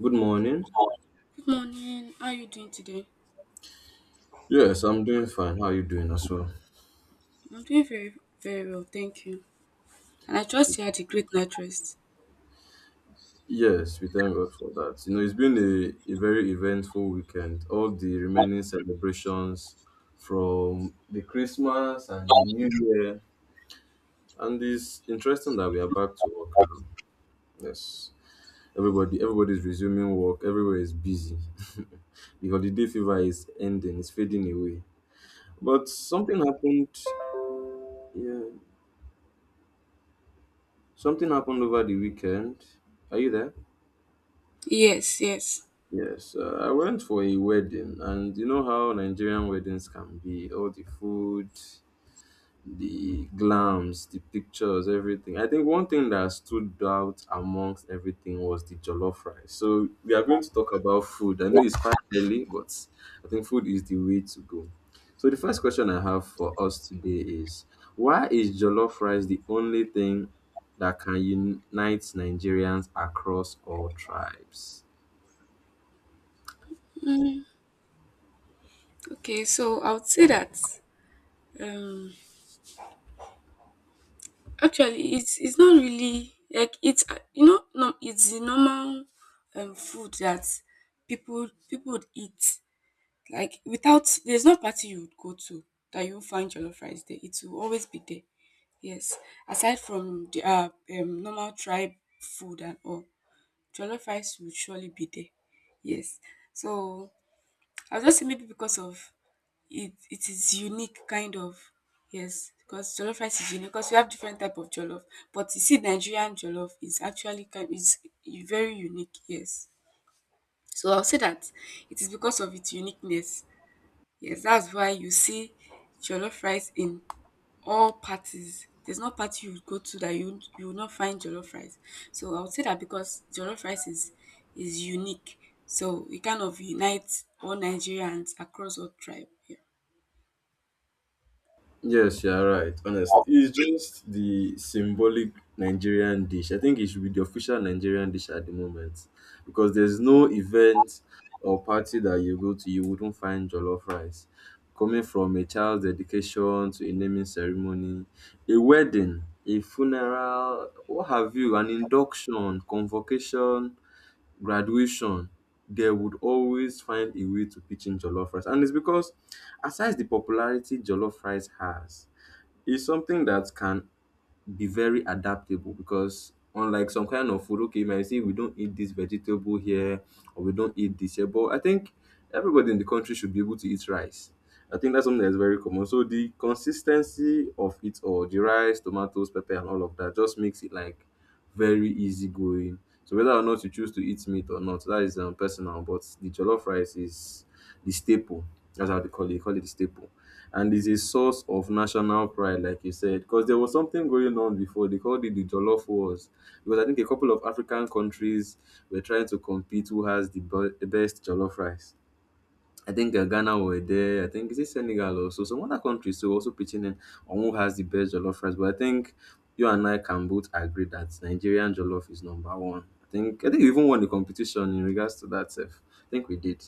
Good morning. Good morning. How are you doing today? Yes, I'm doing fine. How are you doing as well? I'm doing very, very well, thank you. And I trust you had a great night rest. Yes, we thank God for that. You know, it's been a very eventful weekend. All the remaining celebrations from the Christmas and the New Year. And it's interesting that we are back to work now. Yes. Everybody's resuming work, everywhere is busy. The holiday fever is ending, it's fading away. But something happened, yeah. Something happened over the weekend. Are you there? Yes, yes. Yes, I went for a wedding, and you know how Nigerian weddings can be, all the food, the glams, the pictures, everything. I think one thing that stood out amongst everything was the jollof rice. So we are going to talk about food. I know it's quite early, but I think food is the way to go. So the first question I have for us today is, why is jollof rice the only thing that can unite Nigerians across all tribes? Mm, okay, so I would say that um, actually it's not really like it's no, it's the normal food that people would eat, like, without there's no party you would go to that you won't find jollof rice there. It will always be there. Yes, aside from the normal tribe food and all. Jollof rice will surely be there. Yes. So I was just saying maybe because of it is unique kind of. Yes, because jollof rice is unique because we have different type of jollof. But you see Nigerian jollof is actually kind is very unique, yes. So I'll say that it is because of its uniqueness. Yes, that's why you see jollof rice in all parties. There's no party you go to that you will not find jollof rice. So I would say that because jollof rice is unique, so it kind of unites all Nigerians across all tribe. Yeah. Yes, you're right. Honestly, it's just the symbolic Nigerian dish. I think it should be the official Nigerian dish at the moment, because there's no event or party that you go to you wouldn't find jollof rice. Coming from a child's dedication to a naming ceremony, a wedding, a funeral, what have you, an induction, convocation, graduation, they would always find a way to pitch in jollof rice. And it's because aside the popularity jollof rice has, it's something that can be very adaptable, because unlike some kind of food, okay, you might say we don't eat this vegetable here or we don't eat this here, but I think everybody in the country should be able to eat rice. I think that's something that's very common. So the consistency of it all, the rice, tomatoes, pepper, and all of that just makes it like very easygoing. So whether or not you choose to eat meat or not, that is personal. But the jollof rice is the staple. That's how they call it. They call it the staple, and it's a source of national pride, like you said, because there was something going on before. They called it the jollof wars, because I think a couple of African countries were trying to compete who has the, the best jollof rice. I think Ghana were there. I think is it Senegal also. Some other countries too also pitching in on who has the best jollof rice. But I think you and I can both agree that Nigerian jollof is number one. I think we even won the competition in regards to that. Sef. I think we did.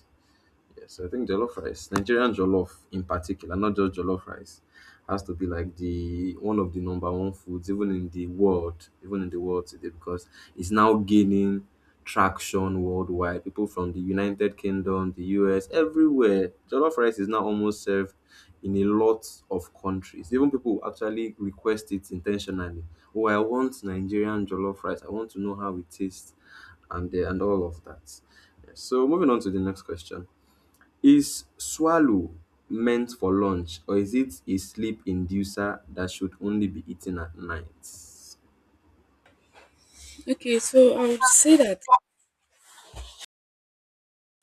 Yes, I think jollof rice, Nigerian jollof in particular, not just jollof rice, has to be like the one of the number one foods even in the world, even in the world today, because it's now gaining traction worldwide. People from the United Kingdom, the US, everywhere, jollof rice is now almost served in a lot of countries. Even people actually request it intentionally. Oh, I want Nigerian jollof rice. I want to know how it tastes, and all of that. Yes. So moving on to the next question. Is swallow meant for lunch or is it a sleep inducer that should only be eaten at night? Okay, so I would say that.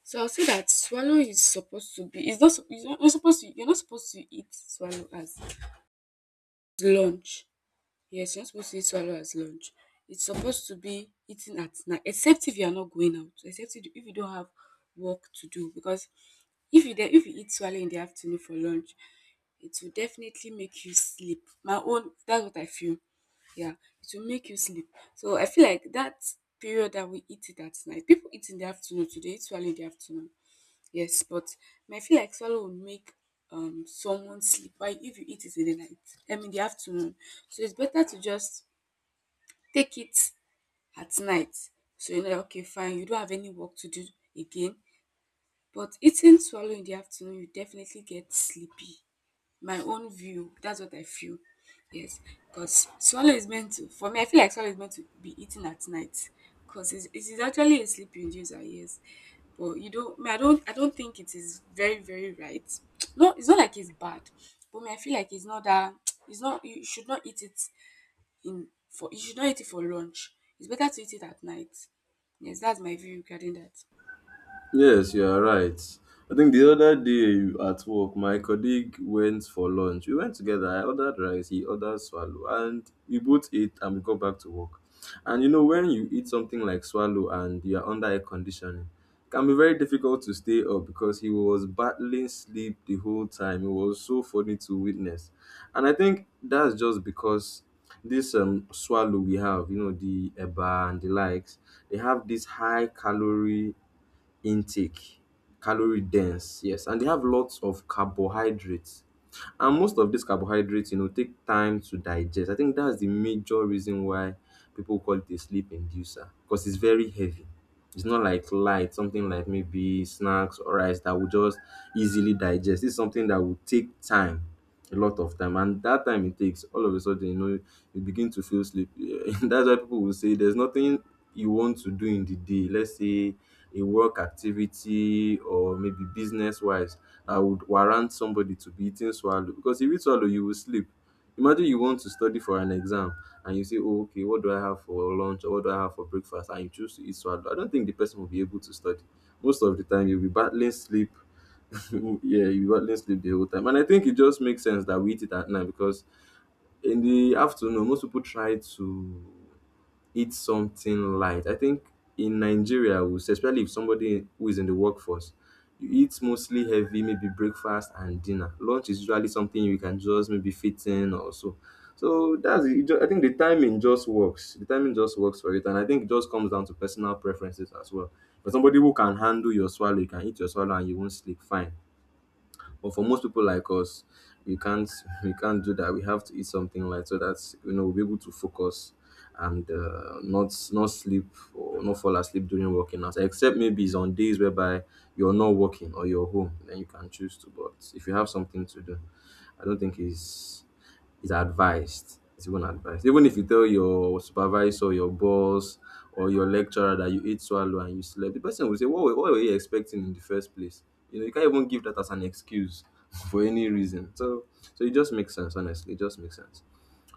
So I'll say that swallow is supposed to be. It's not. It's not you're supposed to. You're not supposed to eat swallow as lunch. Yes, you're not supposed to eat swallow as lunch. It's supposed to be eaten at night, except if you are not going out. Except if you don't have work to do, because if you eat swallow in the afternoon for lunch, it will definitely make you sleep. My own, that's what I feel. Yeah, it will make you sleep. So I feel like that period that we eat it at night, people eat in the afternoon today. They eat swallow in the afternoon. Yes, but I feel like swallow will make someone sleep, while if you eat it in the night, I mean the afternoon, so it's better to just take it at night. So okay, fine, you don't have any work to do again, but eating swallow in the afternoon, you definitely get sleepy. My own view, that's what I feel. Yes, because swallow is meant to, for me, I feel like swallow is meant to be eaten at night. Because it is actually a sleeping inducer, yes. But you don't, me, I don't think it is very, very right. No, it's not like it's bad, but me, I feel like it's not that. It's not. You should not eat it in for. You should not eat it for lunch. It's better to eat it at night. Yes, that's my view regarding that. Yes, you are right. I think the other day at work, my colleague went for lunch. We went together. I ordered rice, he ordered swallow, and we both ate and we got back to work. And you know, when you eat something like swallow and you are under air conditioning, it can be very difficult to stay up because he was battling sleep the whole time. It was so funny to witness. And I think that's just because this swallow we have, you know, the eba and the likes, they have this high calorie intake, calorie dense, yes, and they have lots of carbohydrates. And most of these carbohydrates, you know, take time to digest. I think that's the major reason why people call it a sleep inducer because it's very heavy. It's not like light, something like maybe snacks or rice that will just easily digest. It's something that will take time, a lot of time. And that time it takes, all of a sudden, you know, you begin to feel sleepy. That's why people will say there's nothing you want to do in the day. Let's say a work activity or maybe business wise, I would warrant somebody to be eating swallow, because if you eat swallow you will sleep. Imagine you want to study for an exam and you say, oh, okay, what do I have for lunch or what do I have for breakfast, and you choose to eat swallow. I don't think the person will be able to study. Most of the time you'll be battling sleep, yeah. You got let's sleep the whole time. And I think it just makes sense that we eat it at night, because in the afternoon, most people try to eat something light. I think in Nigeria, we say, especially if somebody who is in the workforce, you eat mostly heavy, maybe breakfast and dinner. Lunch is usually something you can just maybe fit in or so. So that's it. I think the timing just works. The timing just works for it, and I think it just comes down to personal preferences as well. For somebody who can handle your swallow, you can eat your swallow and you won't sleep fine. But for most people like us, we can't we can't do that. We have to eat something light so that you know we'll be able to focus and not sleep or not fall asleep during working hours. Except maybe it's on days whereby you're not working or you're home, then you can choose to. But if you have something to do, I don't think it's is advised. It's even advised. Even if you tell your supervisor, your boss, or your lecturer that you ate swallow and you slept, the person will say, what were you expecting in the first place? You know, you can't even give that as an excuse for any reason. So it just makes sense, honestly. It just makes sense.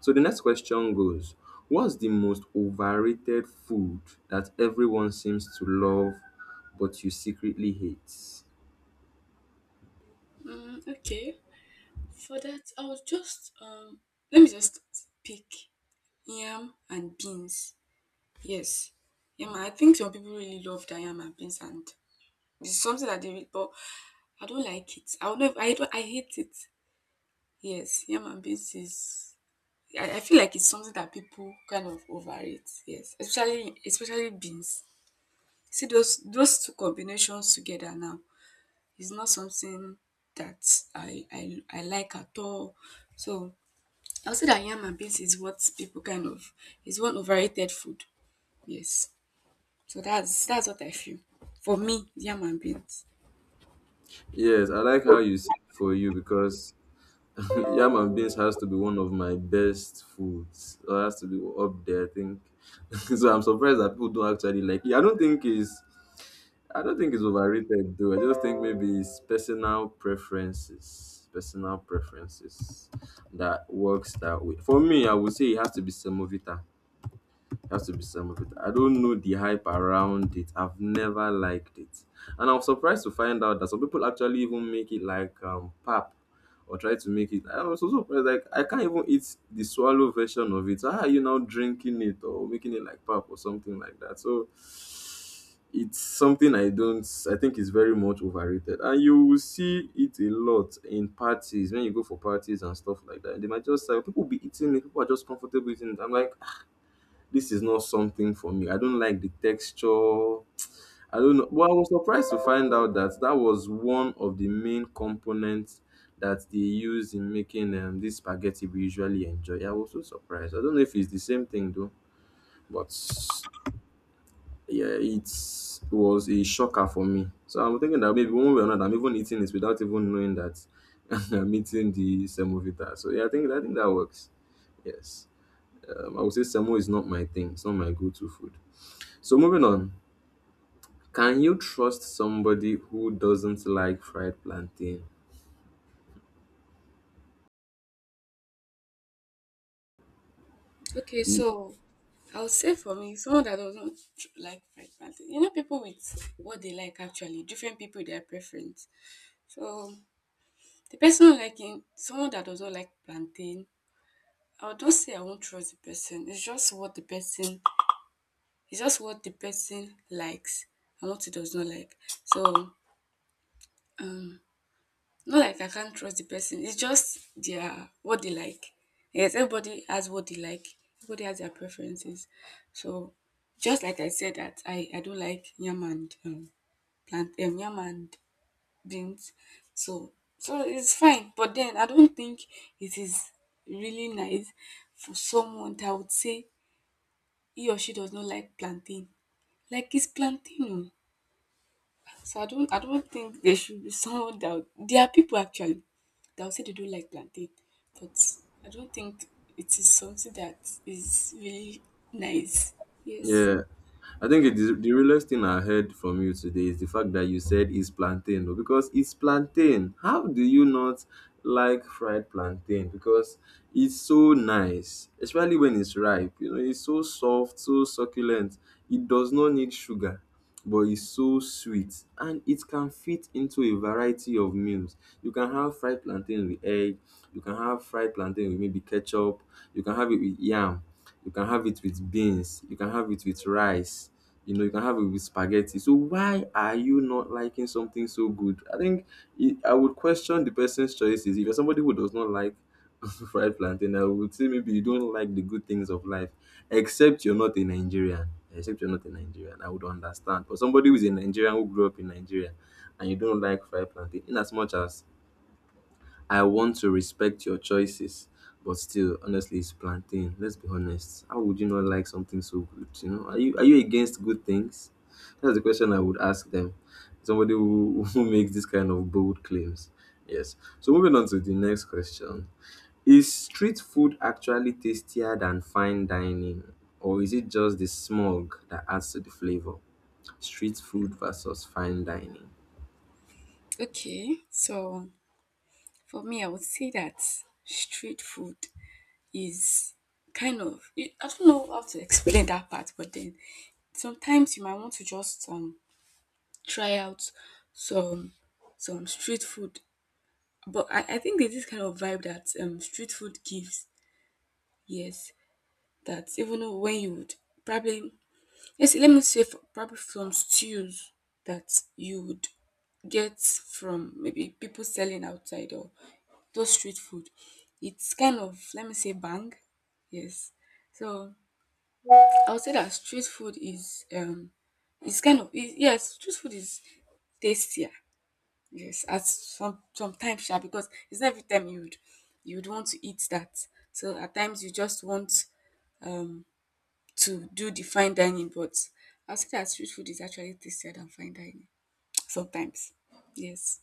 So the next question goes, what's the most overrated food that everyone seems to love but you secretly hate? Mm, okay. For that, I would just let me just pick yam and beans. Yes, yam. I think some people really love the yam and beans, and it's something that they really. But I don't like it. I don't know if I don't. I hate it. Yes, yam and beans is. I feel like it's something that people kind of overrate. Yes, especially beans. See those two combinations together now is not something that I like at all. So I will say that yam and beans is what people kind of is one overrated food. Yes. So that's what I feel. For me, yam and beans. Yes, I like how you see it for you, because yam and beans has to be one of my best foods. It has to be up there, I think. So I'm surprised that people don't actually like it. I don't think it's overrated though. I just think maybe it's personal preferences. Personal preferences that works that way. For me, I would say it has to be semovita. It has to be some of it. I don't know the hype around it. I've never liked it. And I was surprised to find out that some people actually even make it like pap or try to make it. I was also surprised like I can't even eat the swallow version of it. So how are you now drinking it or making it like pap or something like that? So it's something I don't, I think it's very much overrated. And you will see it a lot in parties when you go for parties and stuff like that. They might just say people will be eating it, people are just comfortable eating it. I'm like, this is not something for me. I don't like the texture. I don't know. Well, I was surprised to find out that that was one of the main components that they use in making this spaghetti we usually enjoy. I was so surprised. I don't know if it's the same thing though, but yeah, it was a shocker for me. So I'm thinking that maybe one way or another, I'm even eating this without even knowing that I'm eating the semovita. So yeah, I think that works. Yes. I would say semo is not my thing. It's not my go-to food. So moving on. Can you trust somebody who doesn't like fried plantain? Okay, so I will say for me, someone that does not like fried plantain. People with what they like actually, different people with their preference. So the person liking someone that does not like plantain, I do not say I won't trust the person. It's just what the person likes and what he does not like. So um not like I can't trust the person. It's just their what they like. Yes, everybody has what they like. Everybody has their preferences. So, just like I said that I don't like yam and plant yam and beans. So so it's fine. But then I don't think it is really nice for someone that would say he or she does not like plantain. Like, it's plantain. Oh. So I don't think there should be someone that there are people actually that would say they don't like plantain, but I don't think it is something that is really nice. Yes. Yeah, I think it is the realest thing I heard from you today is the fact that you said it's plantain though, because it's plantain. How do you not like fried plantain? Because it's so nice, especially when it's ripe. You know, it's so soft, so succulent. It does not need sugar, but it's so sweet and it can fit into a variety of meals. You can have fried plantain with egg, you can have fried plantain with maybe ketchup, you can have it with yam, you can have it with beans, you can have it with rice, you know, you can have it with spaghetti. So why are you not liking something so good? I think I would question the person's choices. If you're somebody who does not like fried plantain, I would say maybe you don't like the good things of life, except you're not a Nigerian. Except you're not a Nigerian, I would understand. But somebody who's a Nigerian who grew up in Nigeria and you don't like fried plantain, in as much as I want to respect your choices, but still, honestly, it's plantain. Let's be honest. How would you not like something so good? You know, are you against good things? That's the question I would ask them. Somebody who, who makes this kind of bold claims. Yes. So moving on to the next question. Is street food actually tastier than fine dining, or is it just the smog that adds to the flavor? Street food versus fine dining. Okay. So for me, I would say that street food is kind of, I don't know how to explain that part, but then sometimes you might want to just try out some some street food. But I think there's this kind of vibe that street food gives. Yes. That even though when you would probably, yes, let me say for, probably from stews that you would get from maybe people selling outside, or those street food, it's kind of, let me say, bang, yes. So I would say that street food is it's kind of it, yes, street food is tastier, yes at sometimes sha, because it's not every time you would want to eat that, so at times you just want to do the fine dining, but I'll say that street food is actually tastier than fine dining sometimes. Yes.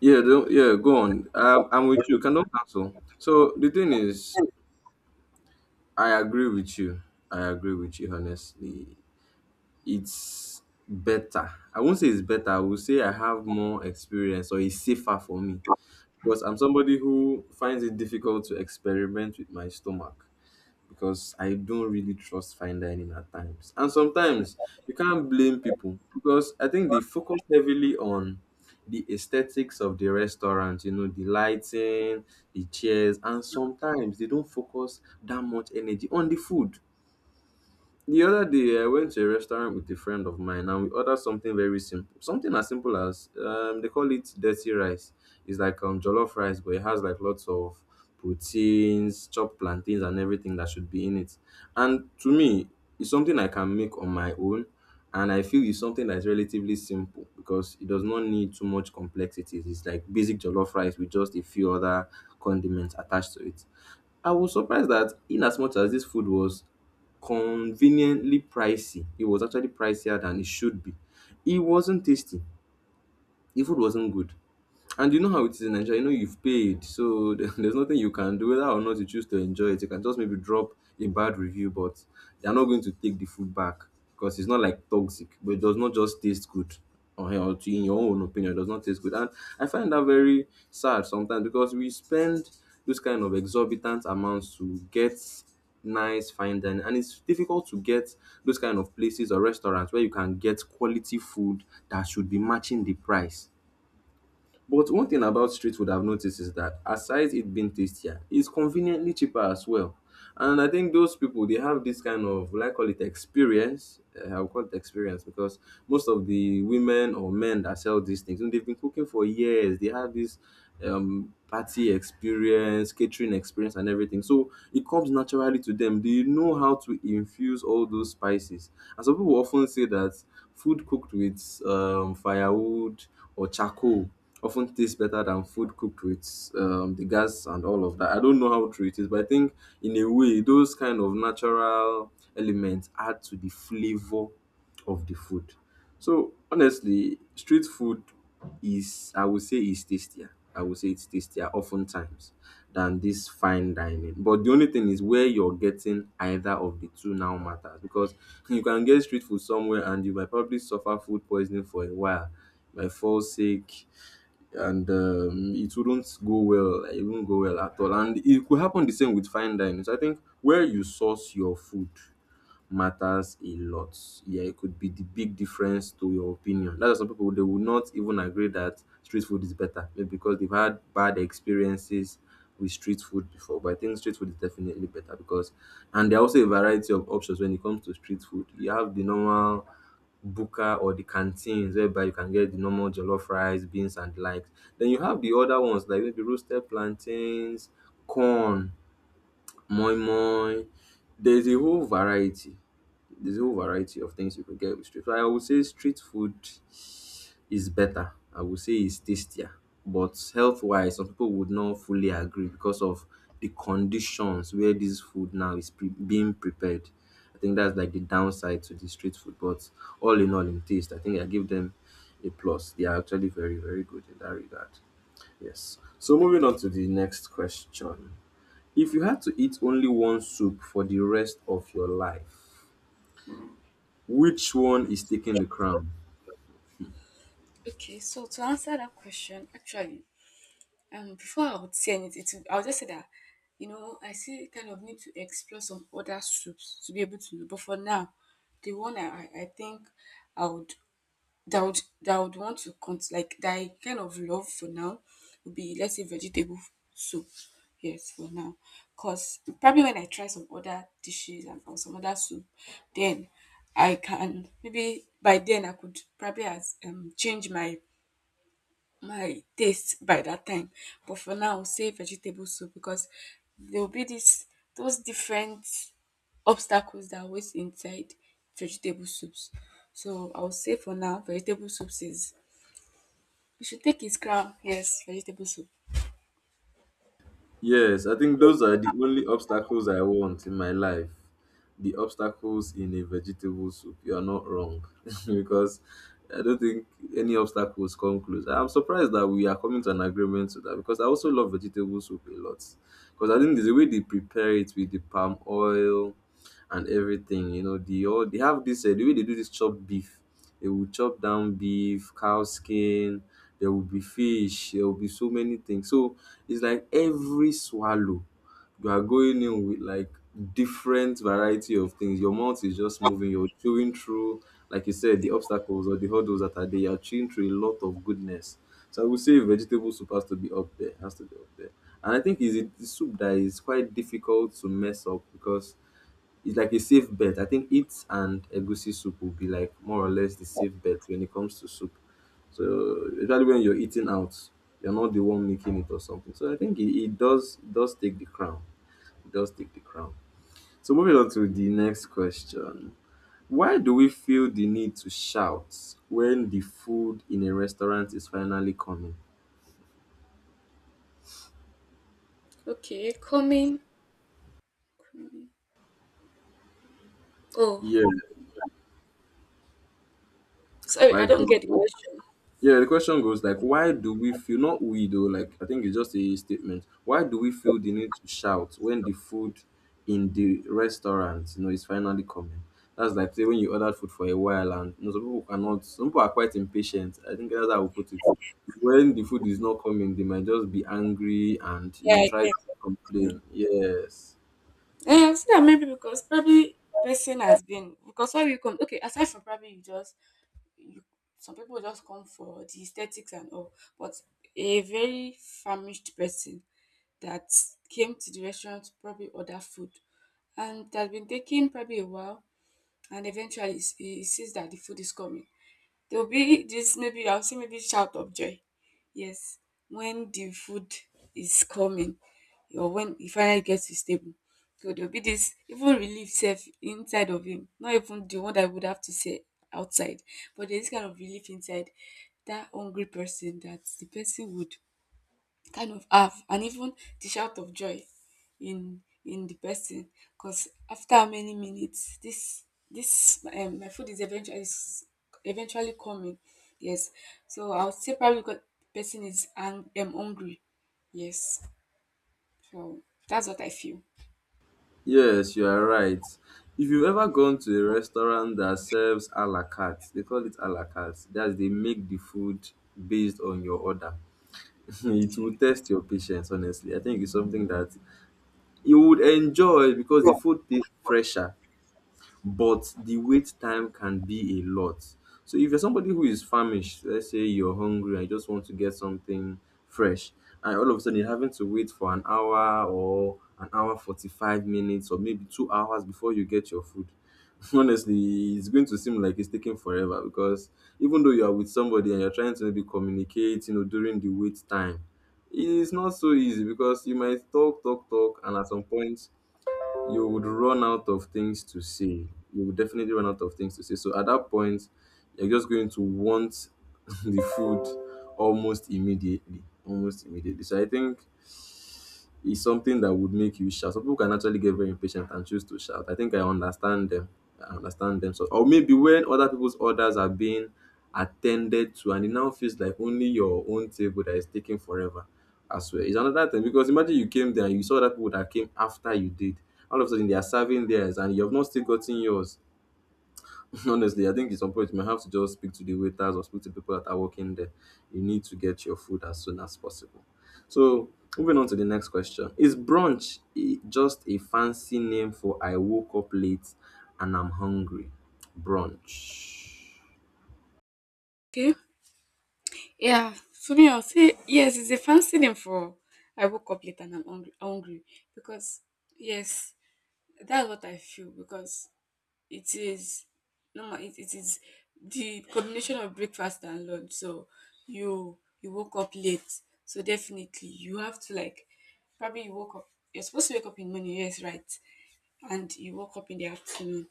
Yeah, don't, yeah, go on. I'm with you. Can don't cancel. So the thing is, I agree with you. I agree with you, honestly. It's better. I won't say it's better. I will say I have more experience, or it's safer for me, because I'm somebody who finds it difficult to experiment with my stomach, because I don't really trust fine dining at times. And sometimes you can't blame people, because I think they focus heavily on the aesthetics of the restaurant, you know, the lighting, the chairs, and sometimes they don't focus that much energy on the food. The other day, I went to a restaurant with a friend of mine and we ordered something very simple. Something as simple as, they call it dirty rice. It's like, jollof rice, but it has like lots of proteins, chopped plantains, and everything that should be in it. And to me, it's something I can make on my own. And I feel it's something that's relatively simple, because it does not need too much complexity. It's like basic jollof rice with just a few other condiments attached to it. I was surprised that in as much as this food was conveniently pricey, it was actually pricier than it should be. It wasn't tasty. The food wasn't good. And you know how it is in Nigeria. You know you've paid, so there's nothing you can do. Whether or not you choose to enjoy it, you can just maybe drop a bad review, but they're not going to take the food back, because it's not like toxic, but it does not just taste good. Or in your own opinion, it does not taste good. And I find that very sad sometimes, because we spend those kind of exorbitant amounts to get nice fine dining, and it's difficult to get those kind of places or restaurants where you can get quality food that should be matching the price. But one thing about street food I've noticed is that aside it being tastier, it's conveniently cheaper as well. And I think those people, they have this kind of, will I call it experience? I'll call it experience, because most of the women or men that sell these things, and they've been cooking for years. They have this party experience, catering experience, and everything. So it comes naturally to them. They know how to infuse all those spices. And some people often say that food cooked with firewood or charcoal often tastes better than food cooked with, the gas and all of that. I don't know how true it is, but I think in a way those kind of natural elements add to the flavor of the food. So honestly, street food is, I would say, is tastier. I would say it's tastier oftentimes than this fine dining. But the only thing is where you're getting either of the two now matters, because you can get street food somewhere and you might probably suffer food poisoning for a while, you might fall sick, and it wouldn't go well. Like, it wouldn't go well at all. And it could happen the same with fine dining. So I think where you source your food matters a lot. Yeah, it could be the big difference to your opinion. That's why some people, they will not even agree that street food is better, maybe because they've had bad experiences with street food before. But I think street food is definitely better, because, and there are also a variety of options when it comes to street food. You have the normal buka or the canteens, whereby you can get the normal jollof rice, beans and the likes. Then you have the other ones, like maybe roasted plantains, corn, moi moi. There's a whole variety. There's a whole variety of things you could get with street. So I would say street food is better. I would say it's tastier. But health wise, some people would not fully agree because of the conditions where this food now is being prepared. I think that's like the downside to the street food. But all, in taste, I think I give them a plus. They are actually very, very good in that regard. Yes. So moving on to the next question. If you had to eat only one soup for the rest of your life, which one is taking the crown? Okay, so to answer that question, actually, before I would say anything, to, I would just say that, I still kind of need to explore some other soups to be able to know. But for now, the one I think I would, that would, that I would want to like, that I kind of love for now would be, let's say, vegetable soup. Yes, for now, cause probably when I try some other dishes and or some other soup, then I can, maybe by then I could probably as change my taste by that time. But for now, I'll say vegetable soup because there will be this those different obstacles that are always inside vegetable soups. So I'll say for now, vegetable soups is you should take his crown. Yes, vegetable soup. Yes, I think those are the only obstacles I want in my life, the obstacles in a vegetable soup. You are not wrong because I don't think any obstacles come close. I'm surprised that we are coming to an agreement to that, because I also love vegetable soup a lot. Because I think there's a way they prepare it with the palm oil and everything. You know, the, all they have this, the way they do this chopped beef. They will chop down beef, cow skin. There will be fish. There will be so many things. So it's like every swallow you are going in with like different variety of things. Your mouth is just moving. You're chewing through, like you said, the obstacles or the hurdles that are there. You're chewing through a lot of goodness. So I would say vegetable soup has to be up there. Has to be up there. And I think, is it the soup that is quite difficult to mess up, because it's like a safe bet. I think it and egusi soup will be like more or less the safe bet when it comes to soup. So especially when you're eating out, you're not the one making it or something. So I think it does take the crown. It does take the crown. So moving on to the next question. Why do we feel the need to shout when the food in a restaurant is finally coming? Okay, coming. Oh, Yeah, sorry, I like, don't get the question. yeah, the question goes like, why do we feel, not we though? Like, I think it's just a statement. Why do we feel the need to shout when the food in the restaurant, you know, is finally coming? That's like, say when you ordered food for a while, and you know, some people cannot, some people are quite impatient. I think that's how I would Okay, put it. When the food is not coming, they might just be angry and, you yeah, know, I try to get. complain. Mm. Yes. Yeah, I've seen that many because probably person has been because why we come. Okay, aside from probably you just you, some people just come for the aesthetics and all. But a very famished person that came to the restaurant to probably order food, and it has been taking probably a while, and eventually he sees that the food is coming, there'll be this maybe, I'll say, maybe shout of joy. Yes, when the food is coming or when he finally gets to his table. So there'll be this even relief self inside of him. Not even the one that I would have to say outside. But there's this kind of relief inside that hungry person that the person would kind of have, and even the shout of joy in the person, because after many minutes, this my food is eventually coming. Yes, so I would say probably because the person is hungry. Yes, so that's what I feel. Yes, you are right. If you've ever gone to a restaurant that serves a la carte, they call it a la carte, that's, they make the food based on your order. It Okay, will test your patience, honestly. I think it's something that you would enjoy because the food tastes fresher, but the wait time can be a lot. So if you're somebody who is famished, let's say you're hungry and you just want to get something fresh, and all of a sudden you're having to wait for an hour or an hour 45 minutes or maybe 2 hours before you get your food. Honestly, it's going to seem like it's taking forever, because even though you are with somebody and you're trying to maybe communicate, you know, during the wait time, it's not so easy, because you might talk, talk, talk, and at some point you would run out of things to say. You would definitely run out of things to say. So at that point, you're just going to want the food almost immediately. Almost immediately. So I think is something that would make you shout. Some people can actually get very impatient and choose to shout. I think I understand them. I understand them. So, or maybe when other people's orders are being attended to, and it now feels like only your own table that is taking forever as well. It's another thing, because imagine you came there and you saw other people that came after you did. All of a sudden, they are serving theirs, and you have not still gotten yours. Honestly, I think at some point you might have to just speak to the waiters or speak to people that are working there. You need to get your food as soon as possible. So, moving on to the next question. Is brunch just a fancy name for I woke up late and I'm hungry? Brunch. okay, yeah, for me, I'll say yes, it's a fancy name for I woke up late and I'm hungry, hungry, because yes, that's what I feel. Because it is, no, it is the combination of breakfast and lunch. So you woke up late. So definitely you have to like, probably you woke up, you're supposed to wake up in the morning, yes, right. And you woke up in the afternoon.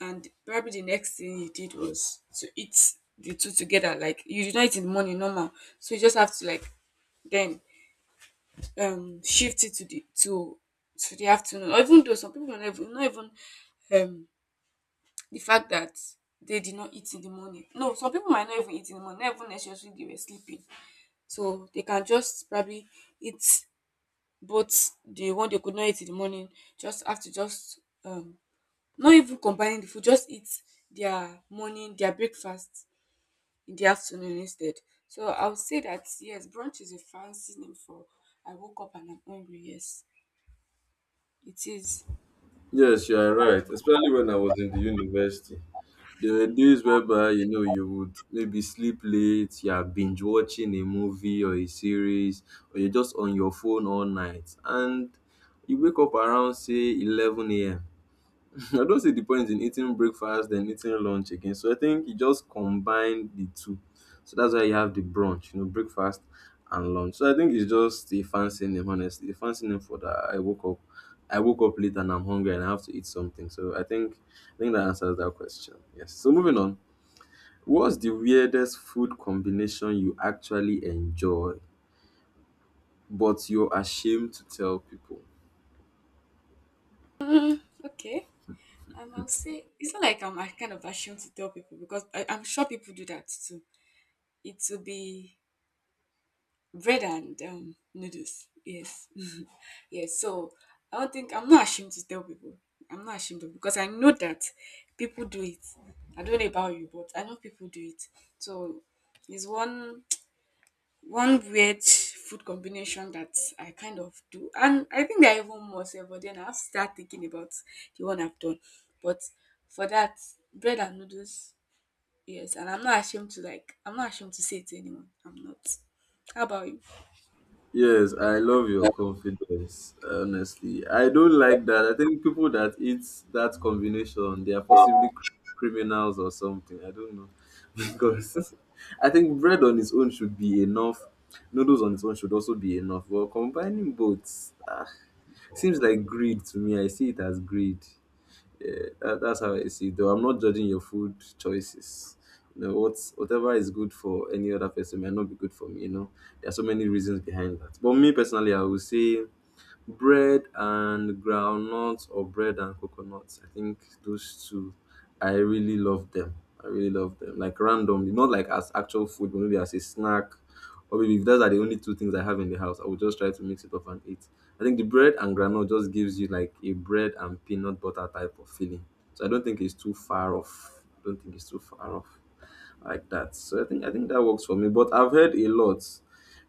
And probably the next thing you did was to eat the two together. Like, you did not eat in the morning normal. So you just have to like, then shift it to the, to the afternoon. Or even though some people don't even, not even, um the fact that they did not eat in the morning. No, some people might not even eat in the morning, not even necessarily they were sleeping. So they can just probably eat both, the one they could not eat in the morning, just have to just not even combining the food, just eat their morning, their breakfast in the afternoon instead. So I would say that yes, brunch is a fancy name for I woke up and I'm hungry. Yes, it is. Yes, you are right. Especially when I was in the university. There were days whereby, you know, you would maybe sleep late, you are binge watching a movie or a series, or you're just on your phone all night. And you wake up around, say, 11 a.m. I don't see the point in eating breakfast then eating lunch again. So I think you just combine the two. So that's why you have the brunch, you know, breakfast and lunch. So I think it's just a fancy name, honestly. A fancy name for that. I woke up late and I'm hungry and I have to eat something. So I think that answers that question. Yes. So moving on. What's the weirdest food combination you actually enjoy, but you're ashamed to tell people? Okay. I'll say it's not like I'm a kind of ashamed to tell people because I'm sure people do that too. It will be bread and noodles. Yes, yes. So I don't think I'm not ashamed to tell people. I'm not ashamed of because I know that people do it. I don't know about you, but I know people do it. So it's one weird food combination that I kind of do, and I think there are even more. Sef, but then I have to start thinking about the one I've done. But for that, bread and noodles. Yes, and I'm not ashamed to like. I'm not ashamed to say it to anyone. I'm not. How about you? Yes, I love your confidence. Honestly, I don't like that. I think people that eat that combination, they are possibly criminals or something. I don't know Okay, because I think bread on its own should be enough. Noodles on its own should also be enough. But combining both, ah, seems like greed to me. I see it as greed. Yeah, that's how I see it. Though I'm not judging your food choices. You know, what's whatever is good for any other person might not be good for me. You know, there are so many reasons behind that. But me personally, I would say bread and groundnut or bread and coconut. I think those two, I really love them. I really love them. Like randomly, not like as actual food, but maybe as a snack. Or maybe if those are the only two things I have in the house, I would just try to mix it up and eat. I think the bread and granola just gives you like a bread and peanut butter type of feeling. So I don't think it's too far off. I don't think it's too far off like that. So I think that works for me. But I've heard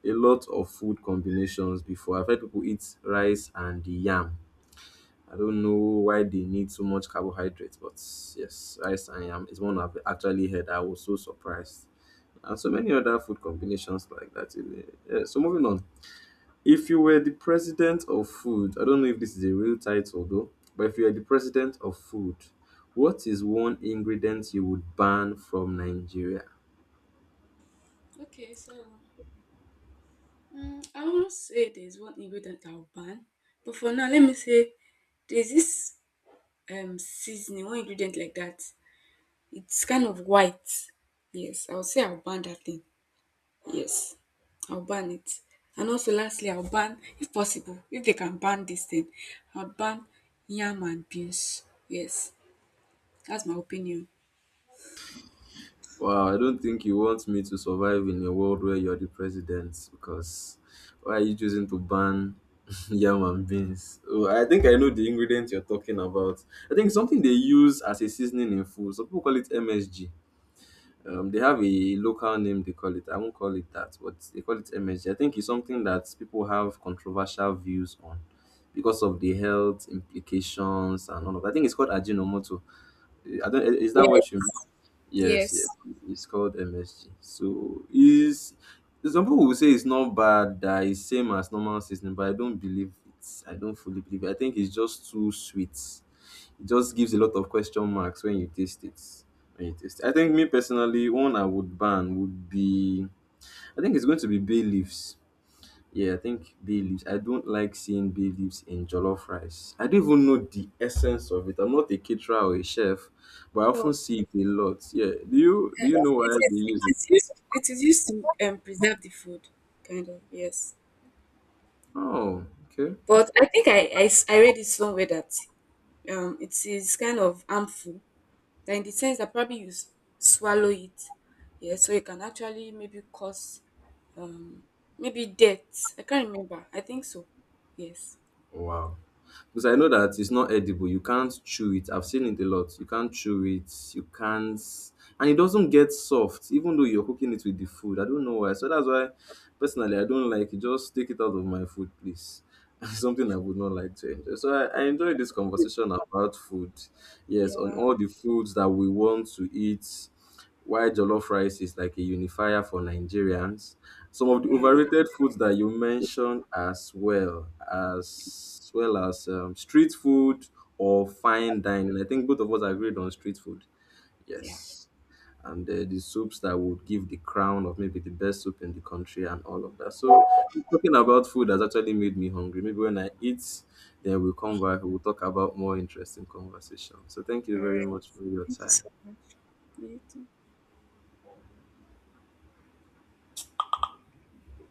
a lot of food combinations before. I've heard people eat rice and the yam. I don't know why they need so much carbohydrates, but yes, rice and yam is one I've actually heard. I was so surprised. And so many other food combinations like that. Yeah, so moving on. If you were the president of food, I don't know if this is a real title though, but if you are the president of food, what is one ingredient you would ban from Nigeria? so I won't say there's one ingredient I'll ban, but for now, let me say there's this seasoning, one ingredient like that. It's kind of white. Yes, I'll say I'll ban that thing. Yes, I'll ban it. And also, lastly, I'll ban, if possible, if they can ban this thing, I'll ban yam and beans. Yes, that's my opinion. Wow, I don't think you want me to survive in a world where you're the president, because why are you choosing to ban yam and beans? Oh, I think I know the ingredient you're talking about. I think something they use as a seasoning in food. Some people call it MSG. They have a local name they call it. I won't call it that, but they call it MSG. I think it's something that people have controversial views on because of the health implications and all of that. I think it's called Ajinomoto. I don't, is that what you— Yes, yes. Yes. It's called MSG. So is, some people will say it's not bad, that it's same as normal seasoning, but I don't believe it. I don't fully believe it. I think it's just too sweet. It just gives a lot of question marks when you taste it. When you taste it. I think me personally, one I would ban would be, I think it's going to be bay leaves. Yeah, I think bay leaves. I don't like seeing bay leaves in jollof rice. I don't even know the essence of it. I'm not a caterer or a chef, but I So often see it a lot. Yeah. Do you know it, why it, they is, use it it? is used to preserve the food, kind of. Yes. Oh, okay. But I think I read it somewhere that it is kind of harmful, that in the sense that probably you swallow it, yeah, so it can actually maybe cause um, maybe death. I can't remember. I think so. Yes. Wow. Because I know that it's not edible. You can't chew it. I've seen it a lot. You can't chew it. You can't, and it doesn't get soft, even though you're cooking it with the food. I don't know why. So that's why. Personally, I don't like it. Just take it out of my food, please. It's something I would not like to enjoy. So I enjoyed this conversation about food. Yes, on Yeah. all the foods that we want to eat. Why jollof rice is like a unifier for Nigerians. Some of the Yeah. overrated foods that you mentioned, as well as street food or fine dining. I think both of us agreed on street food. Yeah. Yes, and the soups that would give the crown of maybe the best soup in the country and all of that. So talking about food has actually made me hungry. Maybe when I eat, then we'll come back. We'll talk about more interesting conversation. So thank All you very right. much for your Thank you time. so much. You too.